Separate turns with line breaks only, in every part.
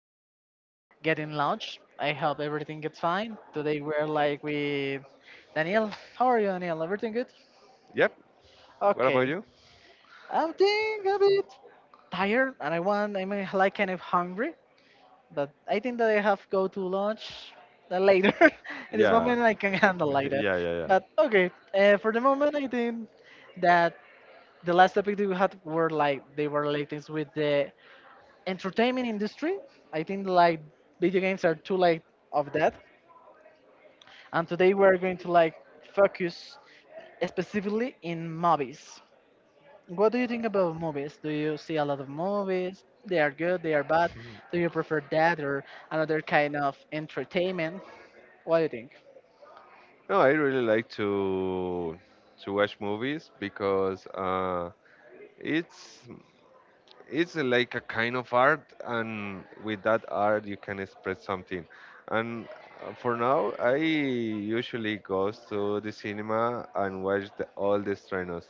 like getting lunch. I hope everything gets fine. Today we're like with Daniel. How are you, Daniel? Everything good?
Yep. What
Okay.
about you?
I'm think a bit tired and I want I'm like kind of hungry, but I think that I have go to lunch later. In this
Yeah.
moment I can handle like that.
Yeah, yeah, yeah.
But okay, for the moment I think that the last topic that we had were like they were related with the entertainment industry. I think like video games are too late of that. And today we're going to like focus specifically in movies. What do you think about movies? Do you see a lot of movies? They are good, they are bad. Do you prefer that or another kind of entertainment? What do you think?
No, I really like to watch movies because it's it's like a kind of art, and with that art you can express something. And for now, I usually goes to the cinema and watch the, all the estrenos.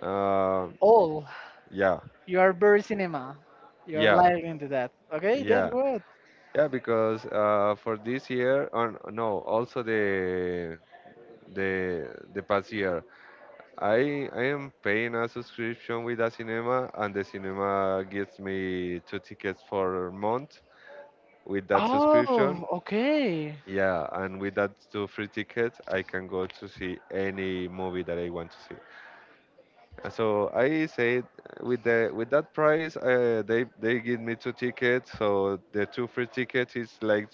Uh,
Oh,
yeah,
you are very cinema. You're
yeah,
lying into that. Okay, that's
yeah.
good.
Yeah, because for this year, on no, also the the past year. I am paying a subscription with a cinema, and the cinema gives me two tickets for month with that subscription.
Oh, okay.
Yeah, and with that two free tickets, I can go to see any movie that I want to see. So I say with the with that price, they give me two tickets. So the two free tickets is like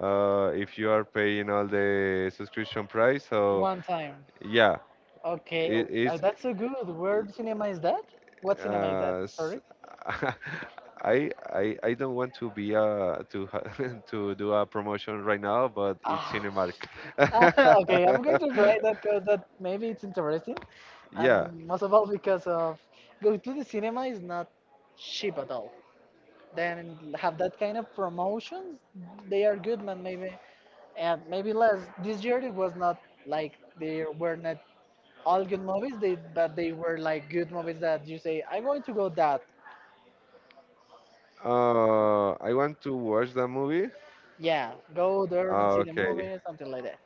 if you are paying all the subscription price. So
One time.
yeah,
Okay,
it is.
that's so good. Where cinema is that? What cinema is that?
Uh, s-
Sorry.
I don't want to be to to do a promotion right now, but it's
Ah,
Cinemark.
okay. I'm going to write that because that maybe it's interesting,
Yeah.
and most of all because of going to the cinema is not cheap at all. Then have that kind of promotions, they are good, man. Maybe and maybe less. This year it was not like they were not all good movies. They but they were like good movies that you say I'm going to go that.
I want to watch that movie.
Yeah, go there and see the
Okay.
movie, something like that.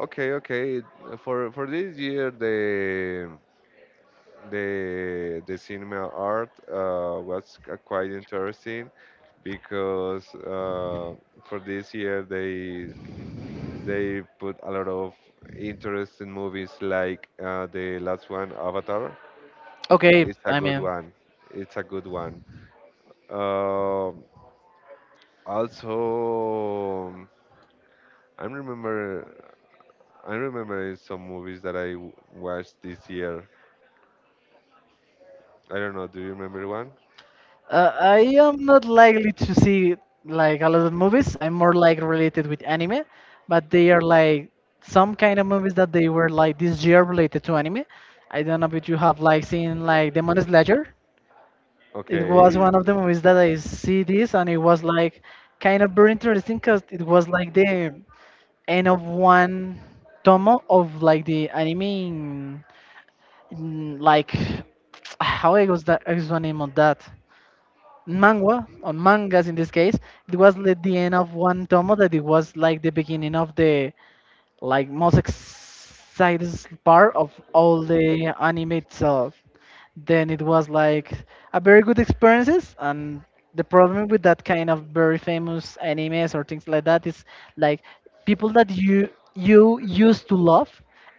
Okay, okay. For this year, the cinema art was quite interesting because for this year they put a lot of interesting movies like the last one, Avatar.
Okay,
It's a
I
good
mean,
one. It's a good one. Um, also, I remember I remember some movies that I watched this year. I don't know. Do you remember one?
I am not likely to see like a lot of movies. I'm more like related with anime, but they are like some kind of movies that they were like this year related to anime. I don't know if you have like seen like Demon Slayer. It was
Okay.
one of the movies that I see this, and it was like kind of very interesting because it was like the end of one tomo of like the anime like how I was that I was the name of that. Manga on mangas in this case it was like the end of one tomo that it was like the beginning of the like most exciting part of all the anime itself, then it was like a very good experiences. And the problem with that kind of very famous animes or things like that is like people that you used to love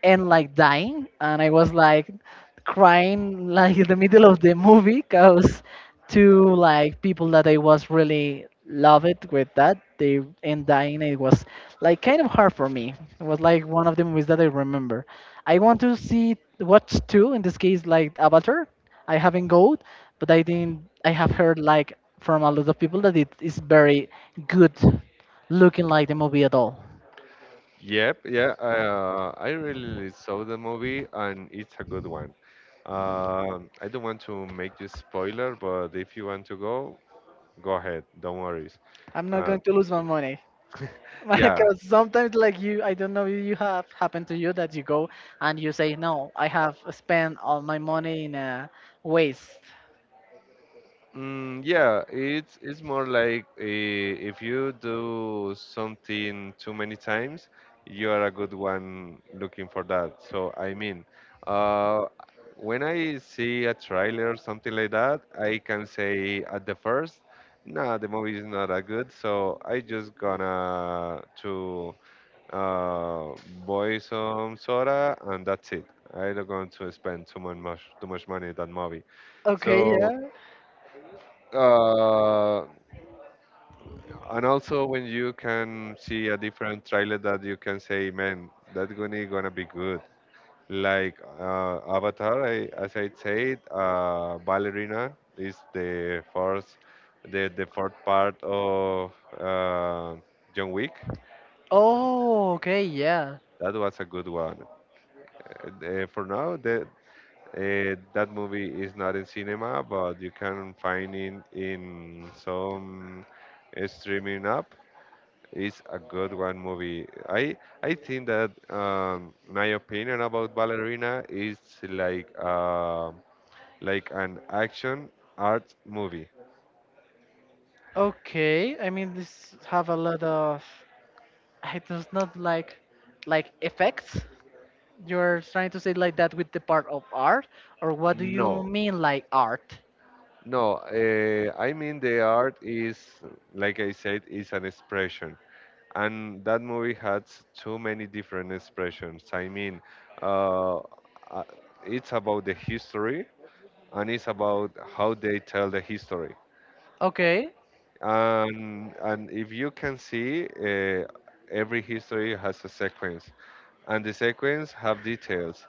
and like dying, and I was like crying like in the middle of the movie because to like people that I was really love it with that they and dying, it was like kind of hard for me. It was like one of the movies that I remember I want to see watch two in this case, like Avatar. I haven't go, but I think I have heard like from a lot of people that it is very good looking like the movie at all.
Yep. Yeah. I really saw the movie, and it's a good one. I don't want to make you spoiler, but if you want to go, go ahead. Don't worry.
I'm not
Uh,
going to lose my money.
yeah,
Because sometimes, like you, I don't know if you have happened to you that you go and you say, "No, I have spent all my money in waste."
yeah. It's more like if you do something too many times, you are a good one looking for that. So I mean, uh, when I see a trailer or something like that, I can say at the first, nah, the movie is not that good. So I just gonna to uh, buy some soda and that's it. I don't going to spend too much money in that movie.
Okay,
So.
yeah.
uh, and also when you can see a different trailer that you can say, man, that's gonna be good. Like Avatar, I, as I said, Ballerina is the first, the fourth part of uh, John Wick.
Oh, okay, yeah.
That was a good one. For now, the, that movie is not in cinema, but you can find it in some streaming app. It's a good one movie. I think that my opinion about Ballerina is like um like an action art movie.
Okay, I mean this have a lot of. I does not like, like effects. You're trying to say like that with the part of art, or what do you
No,
mean like art?
no. I mean the art is like I said is an expression, and that movie has too many different expressions. I mean, uh, uh, it's about the history and it's about how they tell the history
Okay,
and if you can see every history has a sequence and the sequence have details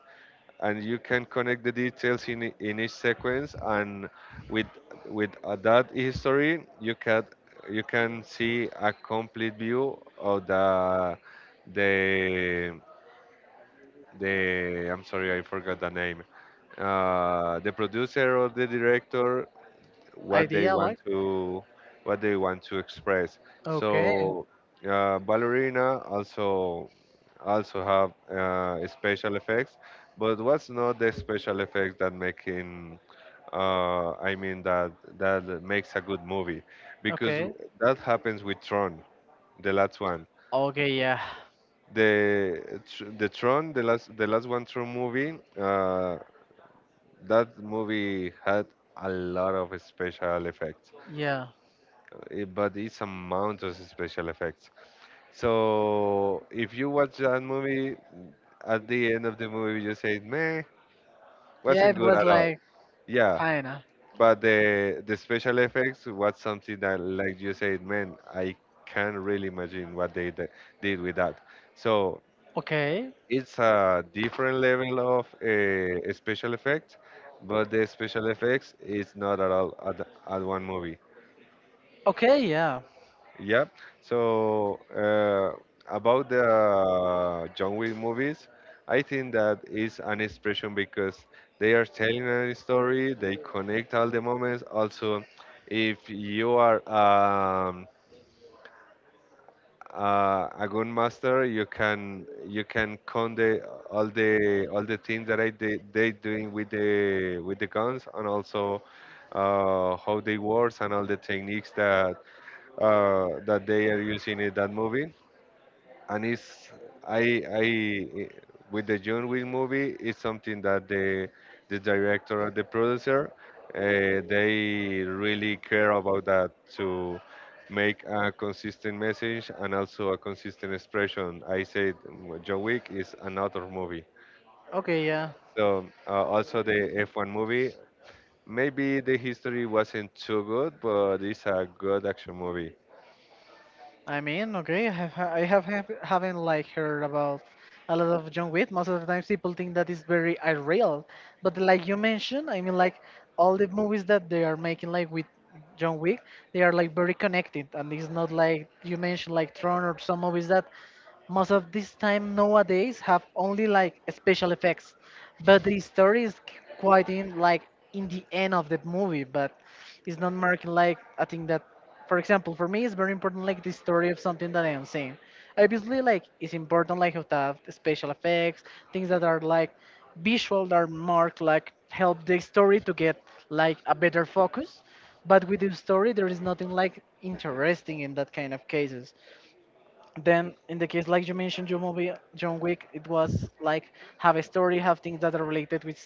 and you can connect the details in, in each sequence and with with that history you can see a complete view of the the I'm sorry I forgot the name, the producer or the director what they
idea
want
like.
to what they want to express.
Okay,
So Ballerina also also have special effects, but what's not the special effects that making I mean that that makes a good movie because
okay,
that happens with Tron, the last one.
okay, yeah,
The the Tron, the last one Tron movie, that movie had a lot of special effects
yeah,
but it's a mountains special effects. So if you watch that movie, at the end of the movie you say, "Meh,
yeah.
wasn't
It
good
was
at all."
like.
Yeah,
China.
but the special effects was something that, like you said, man, I can't really imagine what they did with that. So
Okay.
it's a different level of special effects, but the special effects is not at all at one movie.
Okay. Yeah.
Yep. So about the John Wick movies, I think that is an expression because they are telling a story. They connect all the moments. Also, if you are a good master, you can con the all the things that I they doing with the guns and also how they work and all the techniques that that they are using in that movie and it's I I eh, with the John Wick movie it's something that the director and the producer they really care about that to make a consistent message and also a consistent expression. I said John Wick is another movie.
Okay. Yeah.
So also the F1 movie. Maybe the history wasn't too good, but it's a good action movie.
I mean, okay. I haven't like heard about a lot of John Wick. Most of the times, people think that is very unreal. But like you mentioned, I mean, like all the movies that they are making, like with John Wick, they are like very connected, and it's not like you mentioned, like Tron or some movies that most of this time nowadays have only like special effects, but the story is qu- quite in like in the end of the movie. But it's not marking like I think that, for example, for me it's very important like the story of something that I am seeing. Obviously, like it's important like to have special effects, things that are like visual that are marked like help the story to get like a better focus. But with the story, there is nothing like interesting in that kind of cases, then in the case like you mentioned John, movie, John Wick, it was like have a story, have things that are related with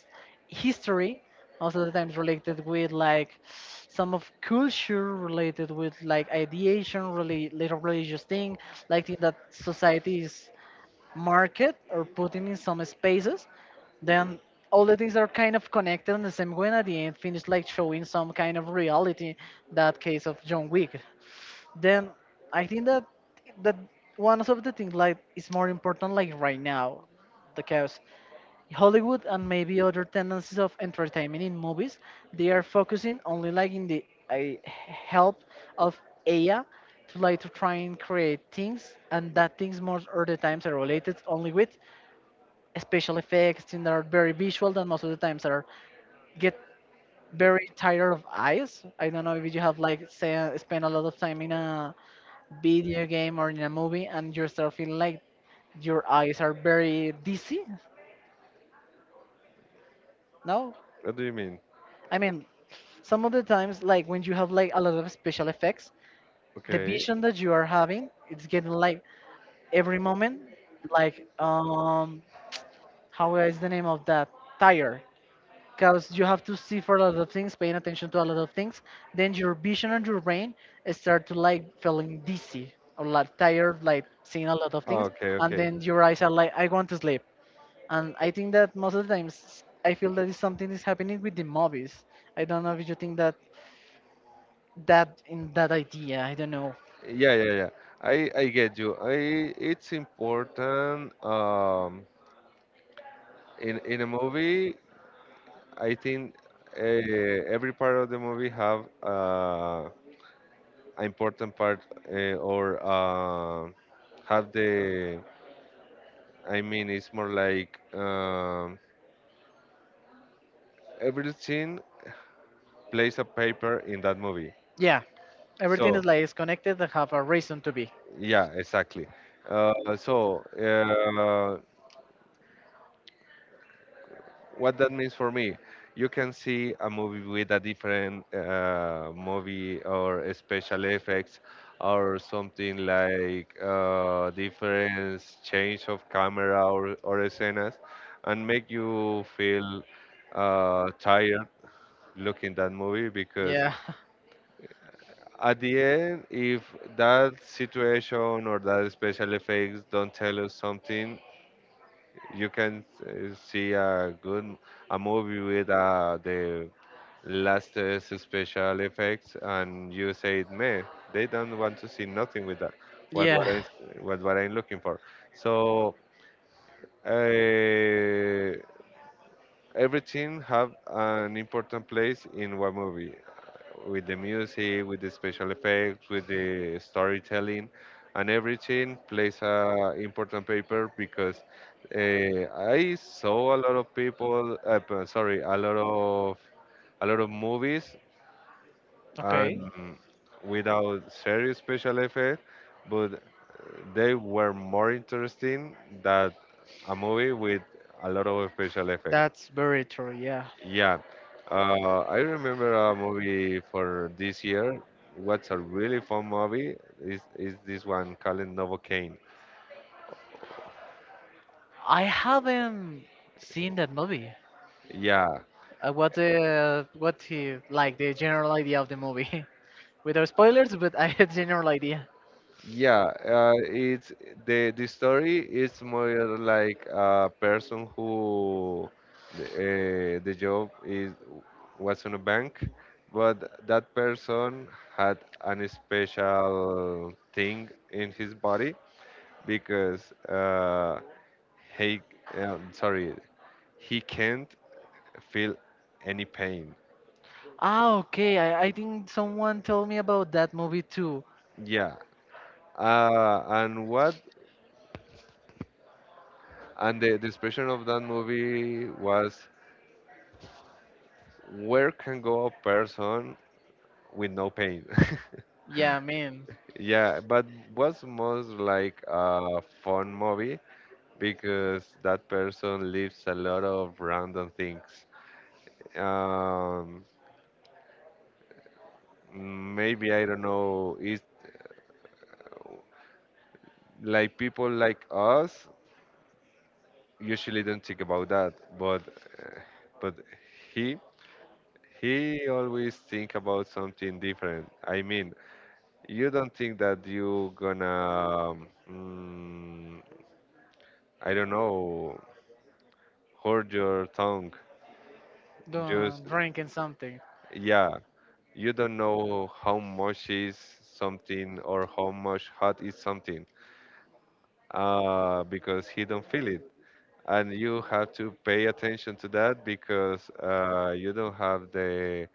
history, also the times related with like some of culture related with like ideation really little religious thing, like thing that society is market or putting in some spaces. Then all the things are kind of connected in the same way, and at the end finish like showing some kind of reality, that case of John Wick. Then I think that that one of the things like is more important like right now, because Hollywood and maybe other tendencies of entertainment in movies, they are focusing only like in the help of AI to like to try and create things, and that things most of the times are related only with special effects, things that are very visual that most of the times are get very tired of eyes. I don't know if you have like say, spend a lot of time in a video game or in a movie and you start feeling like your eyes are very dizzy, no?
What do you mean?
I mean, some of the times like when you have like a lot of special effects, the
Okay.
vision that you are having, it's getting like every moment like how is the name of that, tired? Because you have to see for a lot of things, paying attention to a lot of things, then your vision and your brain start to like feeling dizzy or like tired like seeing a lot of things,
Okay,
and
okay.
then your eyes are like I want to sleep. And I think that most of the times I feel that is something is happening with the movies. I don't know if you think that in that idea. I don't know.
Yeah, yeah, yeah. I get you. I it's important in a movie, I think uh, every part of the movie have an important part, or have the I mean it's more like everything plays a paper in that movie.
Yeah, everything is
So,
like is connected and have a reason to be.
yeah, exactly. Uh so, uh what that means for me you can see a movie with a different movie or special effects or something like different change of camera or scenes and make you feel tired looking that movie because
Yeah,
at the end if that situation or that special effects don't tell us something you can see a good a movie with the latest special effects, and you say, "Me, they don't want to see nothing with that." What Yeah. what
yeah.
I what I'm looking for. So uh, every team have an important place in one movie, with the music, with the special effects, with the storytelling, and everything plays a important paper because I saw a lot of people, sorry, a lot of movies
Okay,
and without serious special effects, but they were more interesting than a movie with a lot of special effects.
that's very true. Yeah,
Yeah, I remember a movie for this year. What's a really fun movie is this one called Novocaine.
I haven't seen that movie.
Yeah,
What the what he like the general idea of the movie without spoilers, but I had general idea.
yeah. It's the story is more like a person who the job is was on a bank, but that person had an special thing in his body because he sorry he can't feel any pain.
Ah, okay. I think someone told me about that movie too.
Yeah. And what? And the expression of that movie was, where can go a person with no pain?
Yeah, man.
Yeah, but was most like a fun movie because that person lives a lot of random things. Um, maybe I don't know. It's like people like us usually don't think about that, but uh, but he he always think about something different. I mean, you don't think that you gonna um, I don't know hold your tongue.
Doing
Just
drinking something.
yeah, you don't know how much is something or how much hot is something because he don't feel it and you have to pay attention to that because you don't have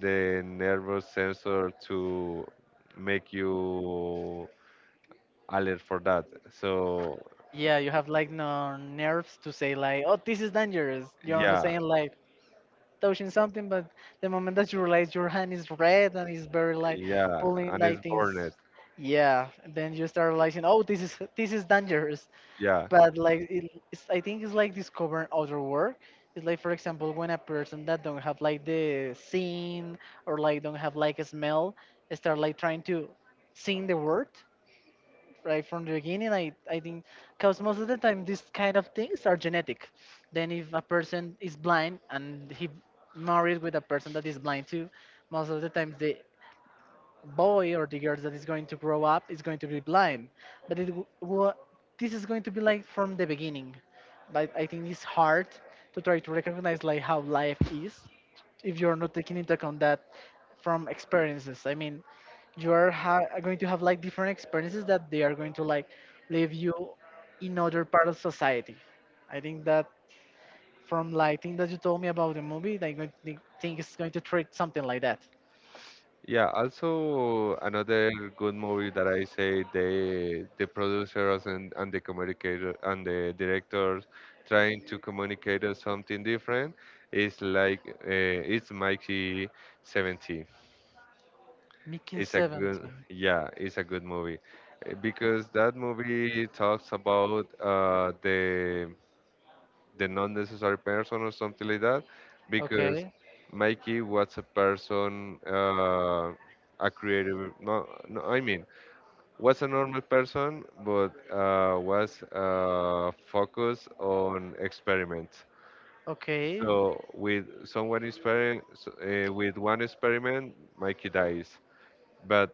the nervous sensor to make you alert for that. So
Yeah, you have like no nerves to say like, oh, this is dangerous. You're only
yeah,
saying like touching something, but the moment that you realize your hand is red and it's very like
yeah,
pulling
and it's
like things,
burned.
yeah, then you start realizing, oh, this is dangerous.
Yeah,
But like, I think it's like discovering other world. It's like, for example, when a person that don't have like the scene or like don't have like a smell, start like trying to sing the word right from the beginning. I think because most of the time these kind of things are genetic. Then if a person is blind and he married with a person that is blind too, most of the times they boy or the girl that is going to grow up is going to be blind, but this is going to be like from the beginning. But I think it's hard to try to recognize like how life is if you're not taking into account that, from experiences. I mean, are going to have like different experiences that they are going to like leave you in other part of society. I think that from like thing that you told me about the movie, I going to think it's going to treat something like that,
yeah, also another good movie that I say the producers and the communicator and the directors trying to communicate us something different is like it's Mikey 70.
making.
It's
Exactly.
a good
17.
yeah, it's a good movie. Because that movie talks about the not necessary person or something like that because
Okay.
Mikey was a person a creative no, no I mean was a normal person but was focused on experiments
Okay.
so with someone experiment with one experiment Mikey dies but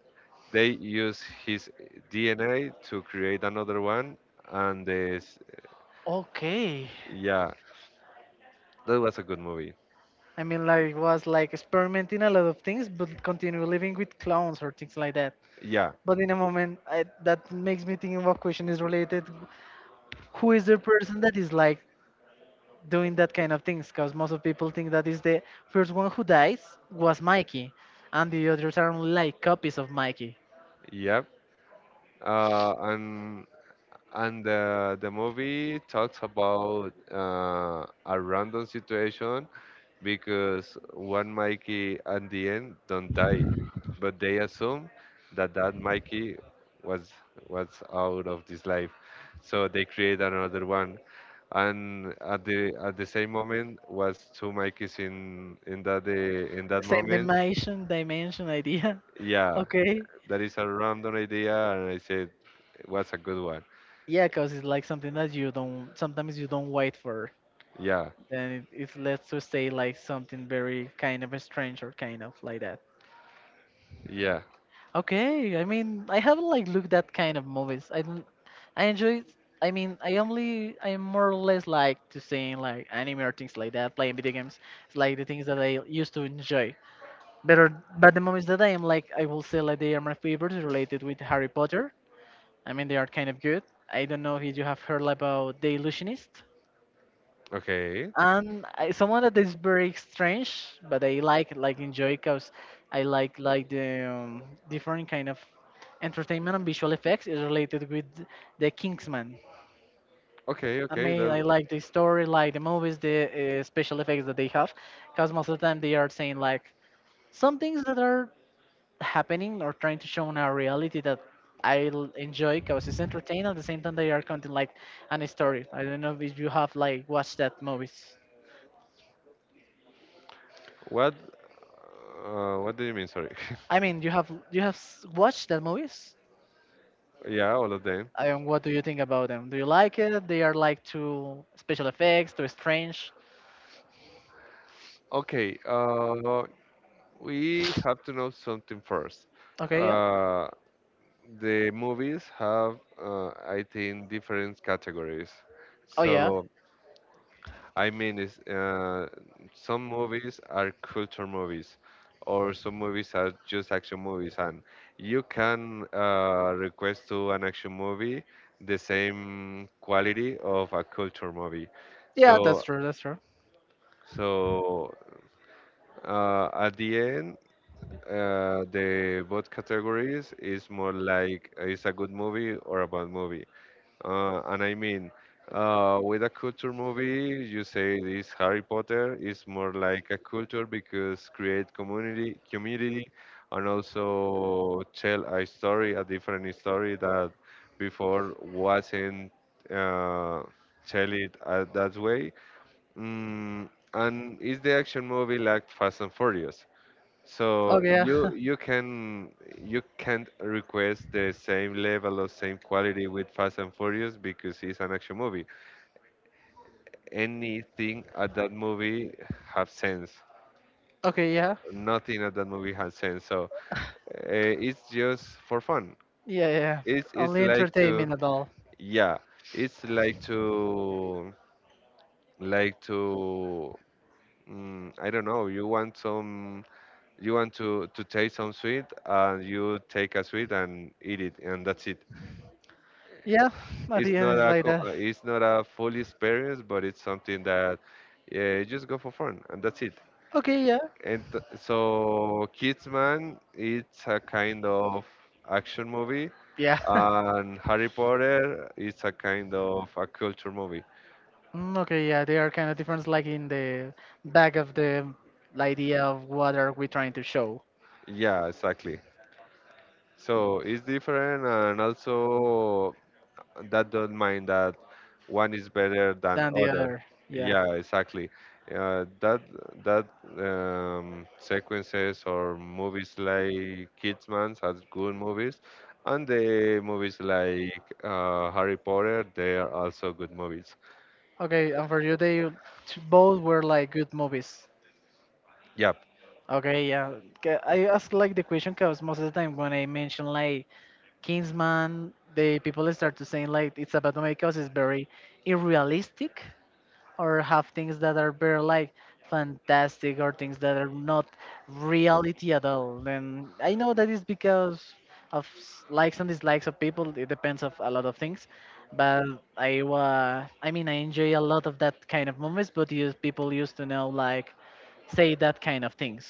they use his DNA to create another one and this
Okay.
yeah that was a good movie.
I mean, like, was like experimenting a lot of things, but continue living with clowns or things like that.
Yeah.
But in a moment, I, that makes me think of a question is related. Who is the person that is like doing that kind of things? Because most of people think that is the first one who dies was Mikey, and the others are like copies of Mikey.
Yep. uh, and and The movie talks about a random situation because one Mikey at the end don't die, but they assume that that Mikey was was out of this life, so they create another one, and at the same moment was two Mikeys in that in that
Same
moment.
dimension, dimension idea.
Yeah,
Okay.
that is a random idea, and I said it was a good one.
Yeah, because it's like something that you don't sometimes you don't wait for.
Yeah.
Then it lets to say like something very kind of strange or kind of like that.
Yeah.
Okay, I mean I haven't like looked that kind of movies. I don't I enjoy I mean I only I more or less like to seeing like anime or things like that, playing video games. It's like the things that I used to enjoy. Better, but the movies that I am like I will say like they are my favorites related with Harry Potter. I mean they are kind of good. I don't know if you have heard about The Illusionist.
Okay.
And I, someone that is very strange, but I like enjoy because I like the different kind of entertainment and visual effects is related with the Kingsman.
Okay.
I okay.
Okay.
Mean, I
That.
like the story, like the movies, the special effects that they have, because most of the time they are saying like some things that are happening or trying to show in our reality that enjoy because it's entertaining. At the same time, they are counting like an story. I don't know if you have like watched that movies.
What? What do you mean? Sorry.
I mean, watched the movies.
yeah. All of them.
I mean, what do you think about them? Do you like it? They are like too special effects, too strange.
Okay. We have to know something first.
Okay, yeah.
Uh, the movies have, I think, different categories.
Oh yeah.
So I mean, some movies are culture movies, or some movies are just action movies, and you can request to an action movie the same quality of a culture movie. Yeah.
Yeah, that's true. That's true.
So at the end, the both categories is more like it's a good movie or a bad movie. Uh, and I mean, with a culture movie, you say this Harry Potter is more like a culture because create community, and also tell a story, a different story that before wasn't uh, tell it that way. And is the action movie like Fast and Furious? So
Okay, yeah.
you can you can't request the same level or same quality with Fast and Furious because it's an action movie. Anything at that movie have sense.
Okay, yeah.
Nothing at that movie has sense. So uh, it's just for fun.
Yeah, yeah, yeah.
It's
Only
like to
entertainment at all.
yeah. It's like to like to I don't know. You want some you want to taste some sweet and you take a sweet and eat it and that's it.
Yeah, at
It's
the end
not
it's
a
like that.
it's not a full experience, but it's something that yeah, just go for fun and that's it.
Okay, yeah.
So Kidsman, it's a kind of action movie,
Yeah.
and Harry Potter, it's a kind of a culture movie.
Mm, okay, yeah, they are kind of different, like in the back of the idea of what are we trying to show
Yeah, exactly. So it's different, and also that don't mind that one is better than
than the
other.
other. Yeah.
Yeah, exactly. That that sequences or movies like Kidsman are good movies, and the movies like Harry Potter they are also good movies.
Okay, and for you, they both were like good movies.
Yeah.
Okay, yeah. Ca- I ask like the question because most of the time when I mention like Kingsman, the people start to saying like it's about because it's very unrealistic, or have things that are very like fantastic or things that are not reality at all. And I know that is because of likes and dislikes of people. It depends of a lot of things. But I mean I enjoy a lot of that kind of movies, but use people used to know like say that kind of things.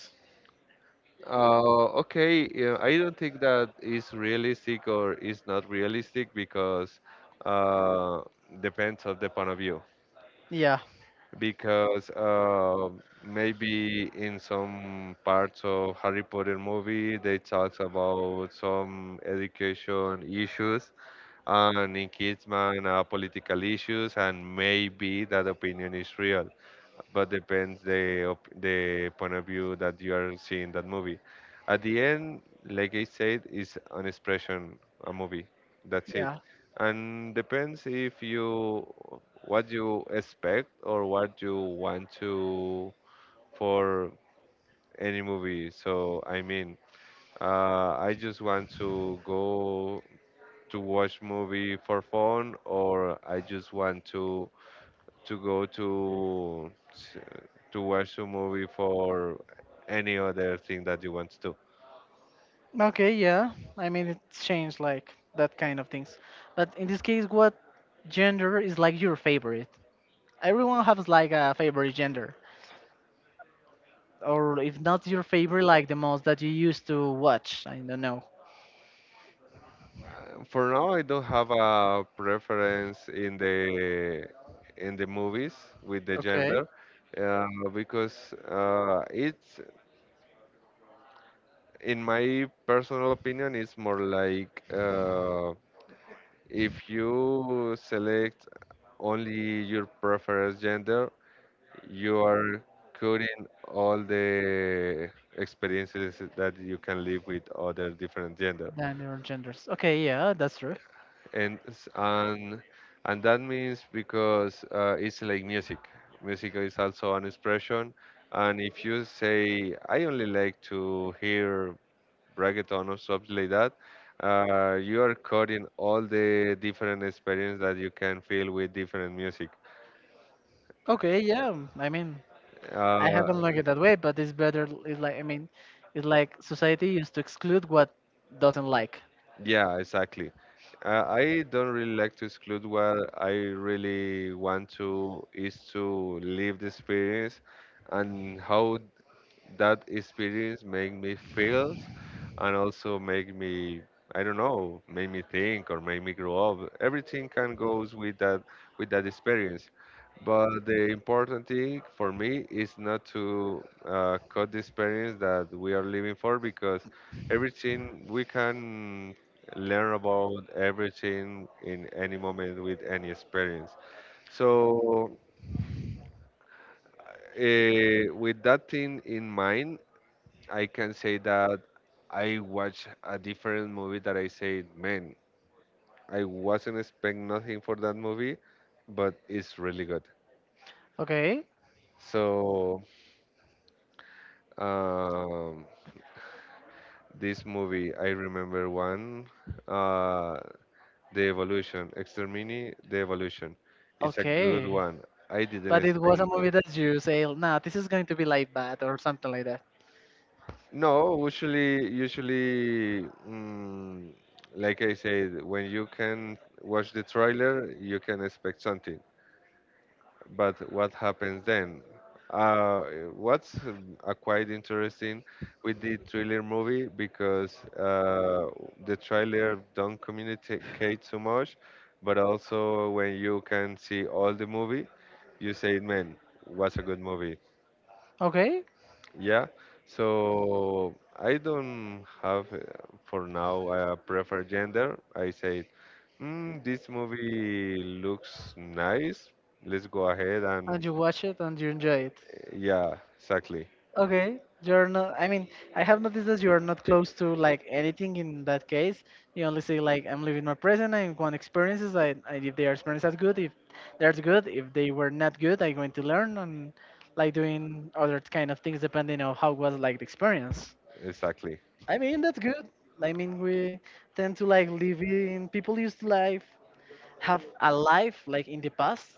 Okay, yeah, I don't think that is realistic or is not realistic because uh, depends of the point of view.
Yeah.
Because maybe in some parts of Harry Potter movie they talks about some education issues, and in Kidsman political issues, and maybe that opinion is real but depends the op the point of view that you are seeing that movie. At the end, like I said, it's an expression, a movie. That's it.
Yeah.
And depends if you what you expect or what you want to for any movie. So I mean, I just want to go to watch movie for fun, or I just want to to go to s- to watch a movie for any other thing that you want to.
Okay, yeah. I mean, it's changed like that kind of things. But in this case, what gender is like your favorite? Everyone has like a favorite gender, or if not your favorite, like the most that you used to watch. I don't know.
For now, I don't have a preference in the movies with the
Okay.
gender uh, because it's in my personal opinion it's more like if you select only your preferred gender you are coding all the experiences that you can live with other different gender
Than your genders. Okay, yeah, that's true.
and and that means because it's like music. Music is also an expression, and if you say I only like to hear reggaeton or something like that, you are coding all the different experience that you can feel with different music.
Okay, yeah. I mean, I
uh,
haven't looked at it that way, but it's better. It's like I mean, it's like society used to exclude what doesn't like.
Yeah, exactly. I don't really like to exclude what I really want to is to live the experience and how that experience make me feel and also make me I don't know, make me think or make me grow up. Everything can goes with that experience. But the important thing for me is not to cut the experience that we are living for because everything we can learn about everything in any moment with any experience. So, with that thing in mind, I can say that I watched a different movie that I said, man, I wasn't expecting nothing for that movie, but it's really good.
Okay,
So, um, this movie, I remember one, uh, The Evolution, Extermini, The Evolution. It's a good
okay.
one. I didn't
But it was a
expect.
movie that you say, nah, this is going to be like that or something like that.
No, usually, like I said, when you can watch the trailer, you can expect something. But what happens then? Uh, what's quite interesting with the thriller movie because the trailer don't communicate so much, but also when you can see all the movie, you say, man, what's a good movie.
Okay?
Yeah, so I don't have for now a preferred gender. I say, mm, this movie looks nice. Let's go ahead and
And you watch it and you enjoy it.
yeah, exactly,
Okay? You're not, I mean, I have noticed that you are not close to like anything in that case. You only say, like, I'm living my present, I want experiences, I if their experiences are good, if they're good, if they were not good, I'm going to learn and like doing other kind of things depending on how was like the experience.
exactly.
I mean, that's good. I mean, we tend to like live in people used to life, have a life like in the past,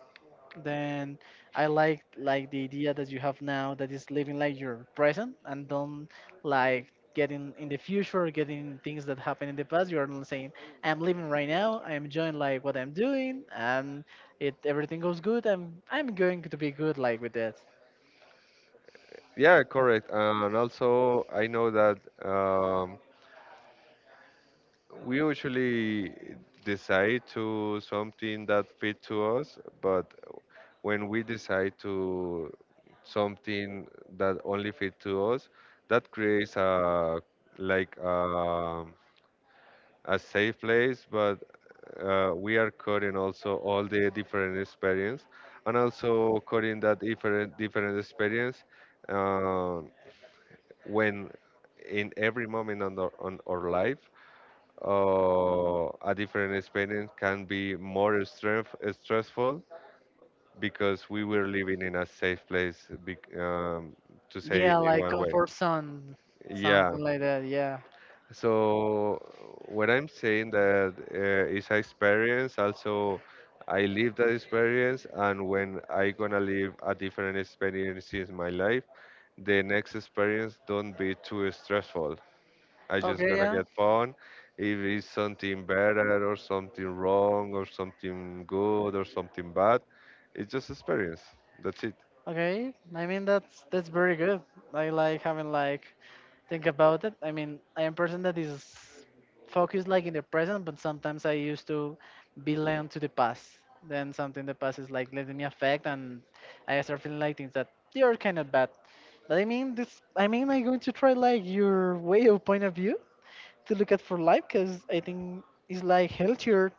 then I like the idea that you have now that is living like your present and don't like getting in the future getting things that happen in the past. You are not saying I'm living right now, I'm enjoying like what I'm doing and it everything goes good, i'm going to be good like with that.
Yeah, correct. And also, I know that um, we usually decide to something that fit to us, but when we decide to something that only fit to us, that creates a like a safe place, but we are coding also all the different experience, and also coding that different experience uh, when in every moment on, the, on our life a different experience can be more strength, stressful because we were living in a safe place, bec to say
Yeah,
it in
like
one way.
comfort zone,
Yeah.
something like that, yeah.
So when I'm saying that it's an experience, also I live that experience, and when I gonna live a different experience in my life, the next experience don't be too stressful. I just
Okay,
gonna
yeah.
get fun. If it's something better or something wrong or something good or something bad, it's just experience. That's it.
Okay, I mean that's very good. I like having like think about it. I mean, I am person that is focused like in the present, but sometimes I used to belong to the past. Then something the past is like letting me affect, and I start feeling like things that they are kind of bad. But I mean, this. I mean, I'm going to try like your way of point of view to look at for life, because I think it's like healthier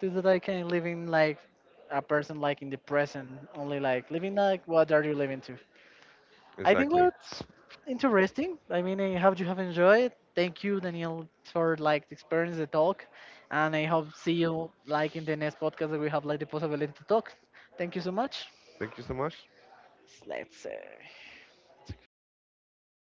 to that I can live in like a person like in the present, only like living like what are you living to? I think
Exactly.
what's interesting. I mean, I hope you have enjoyed. Thank you, Daniel, for like the experience, the talk, and I hope see you like in the next podcast that we have like the possibility to talk. Thank you so much.
Thank you so much.
Let's.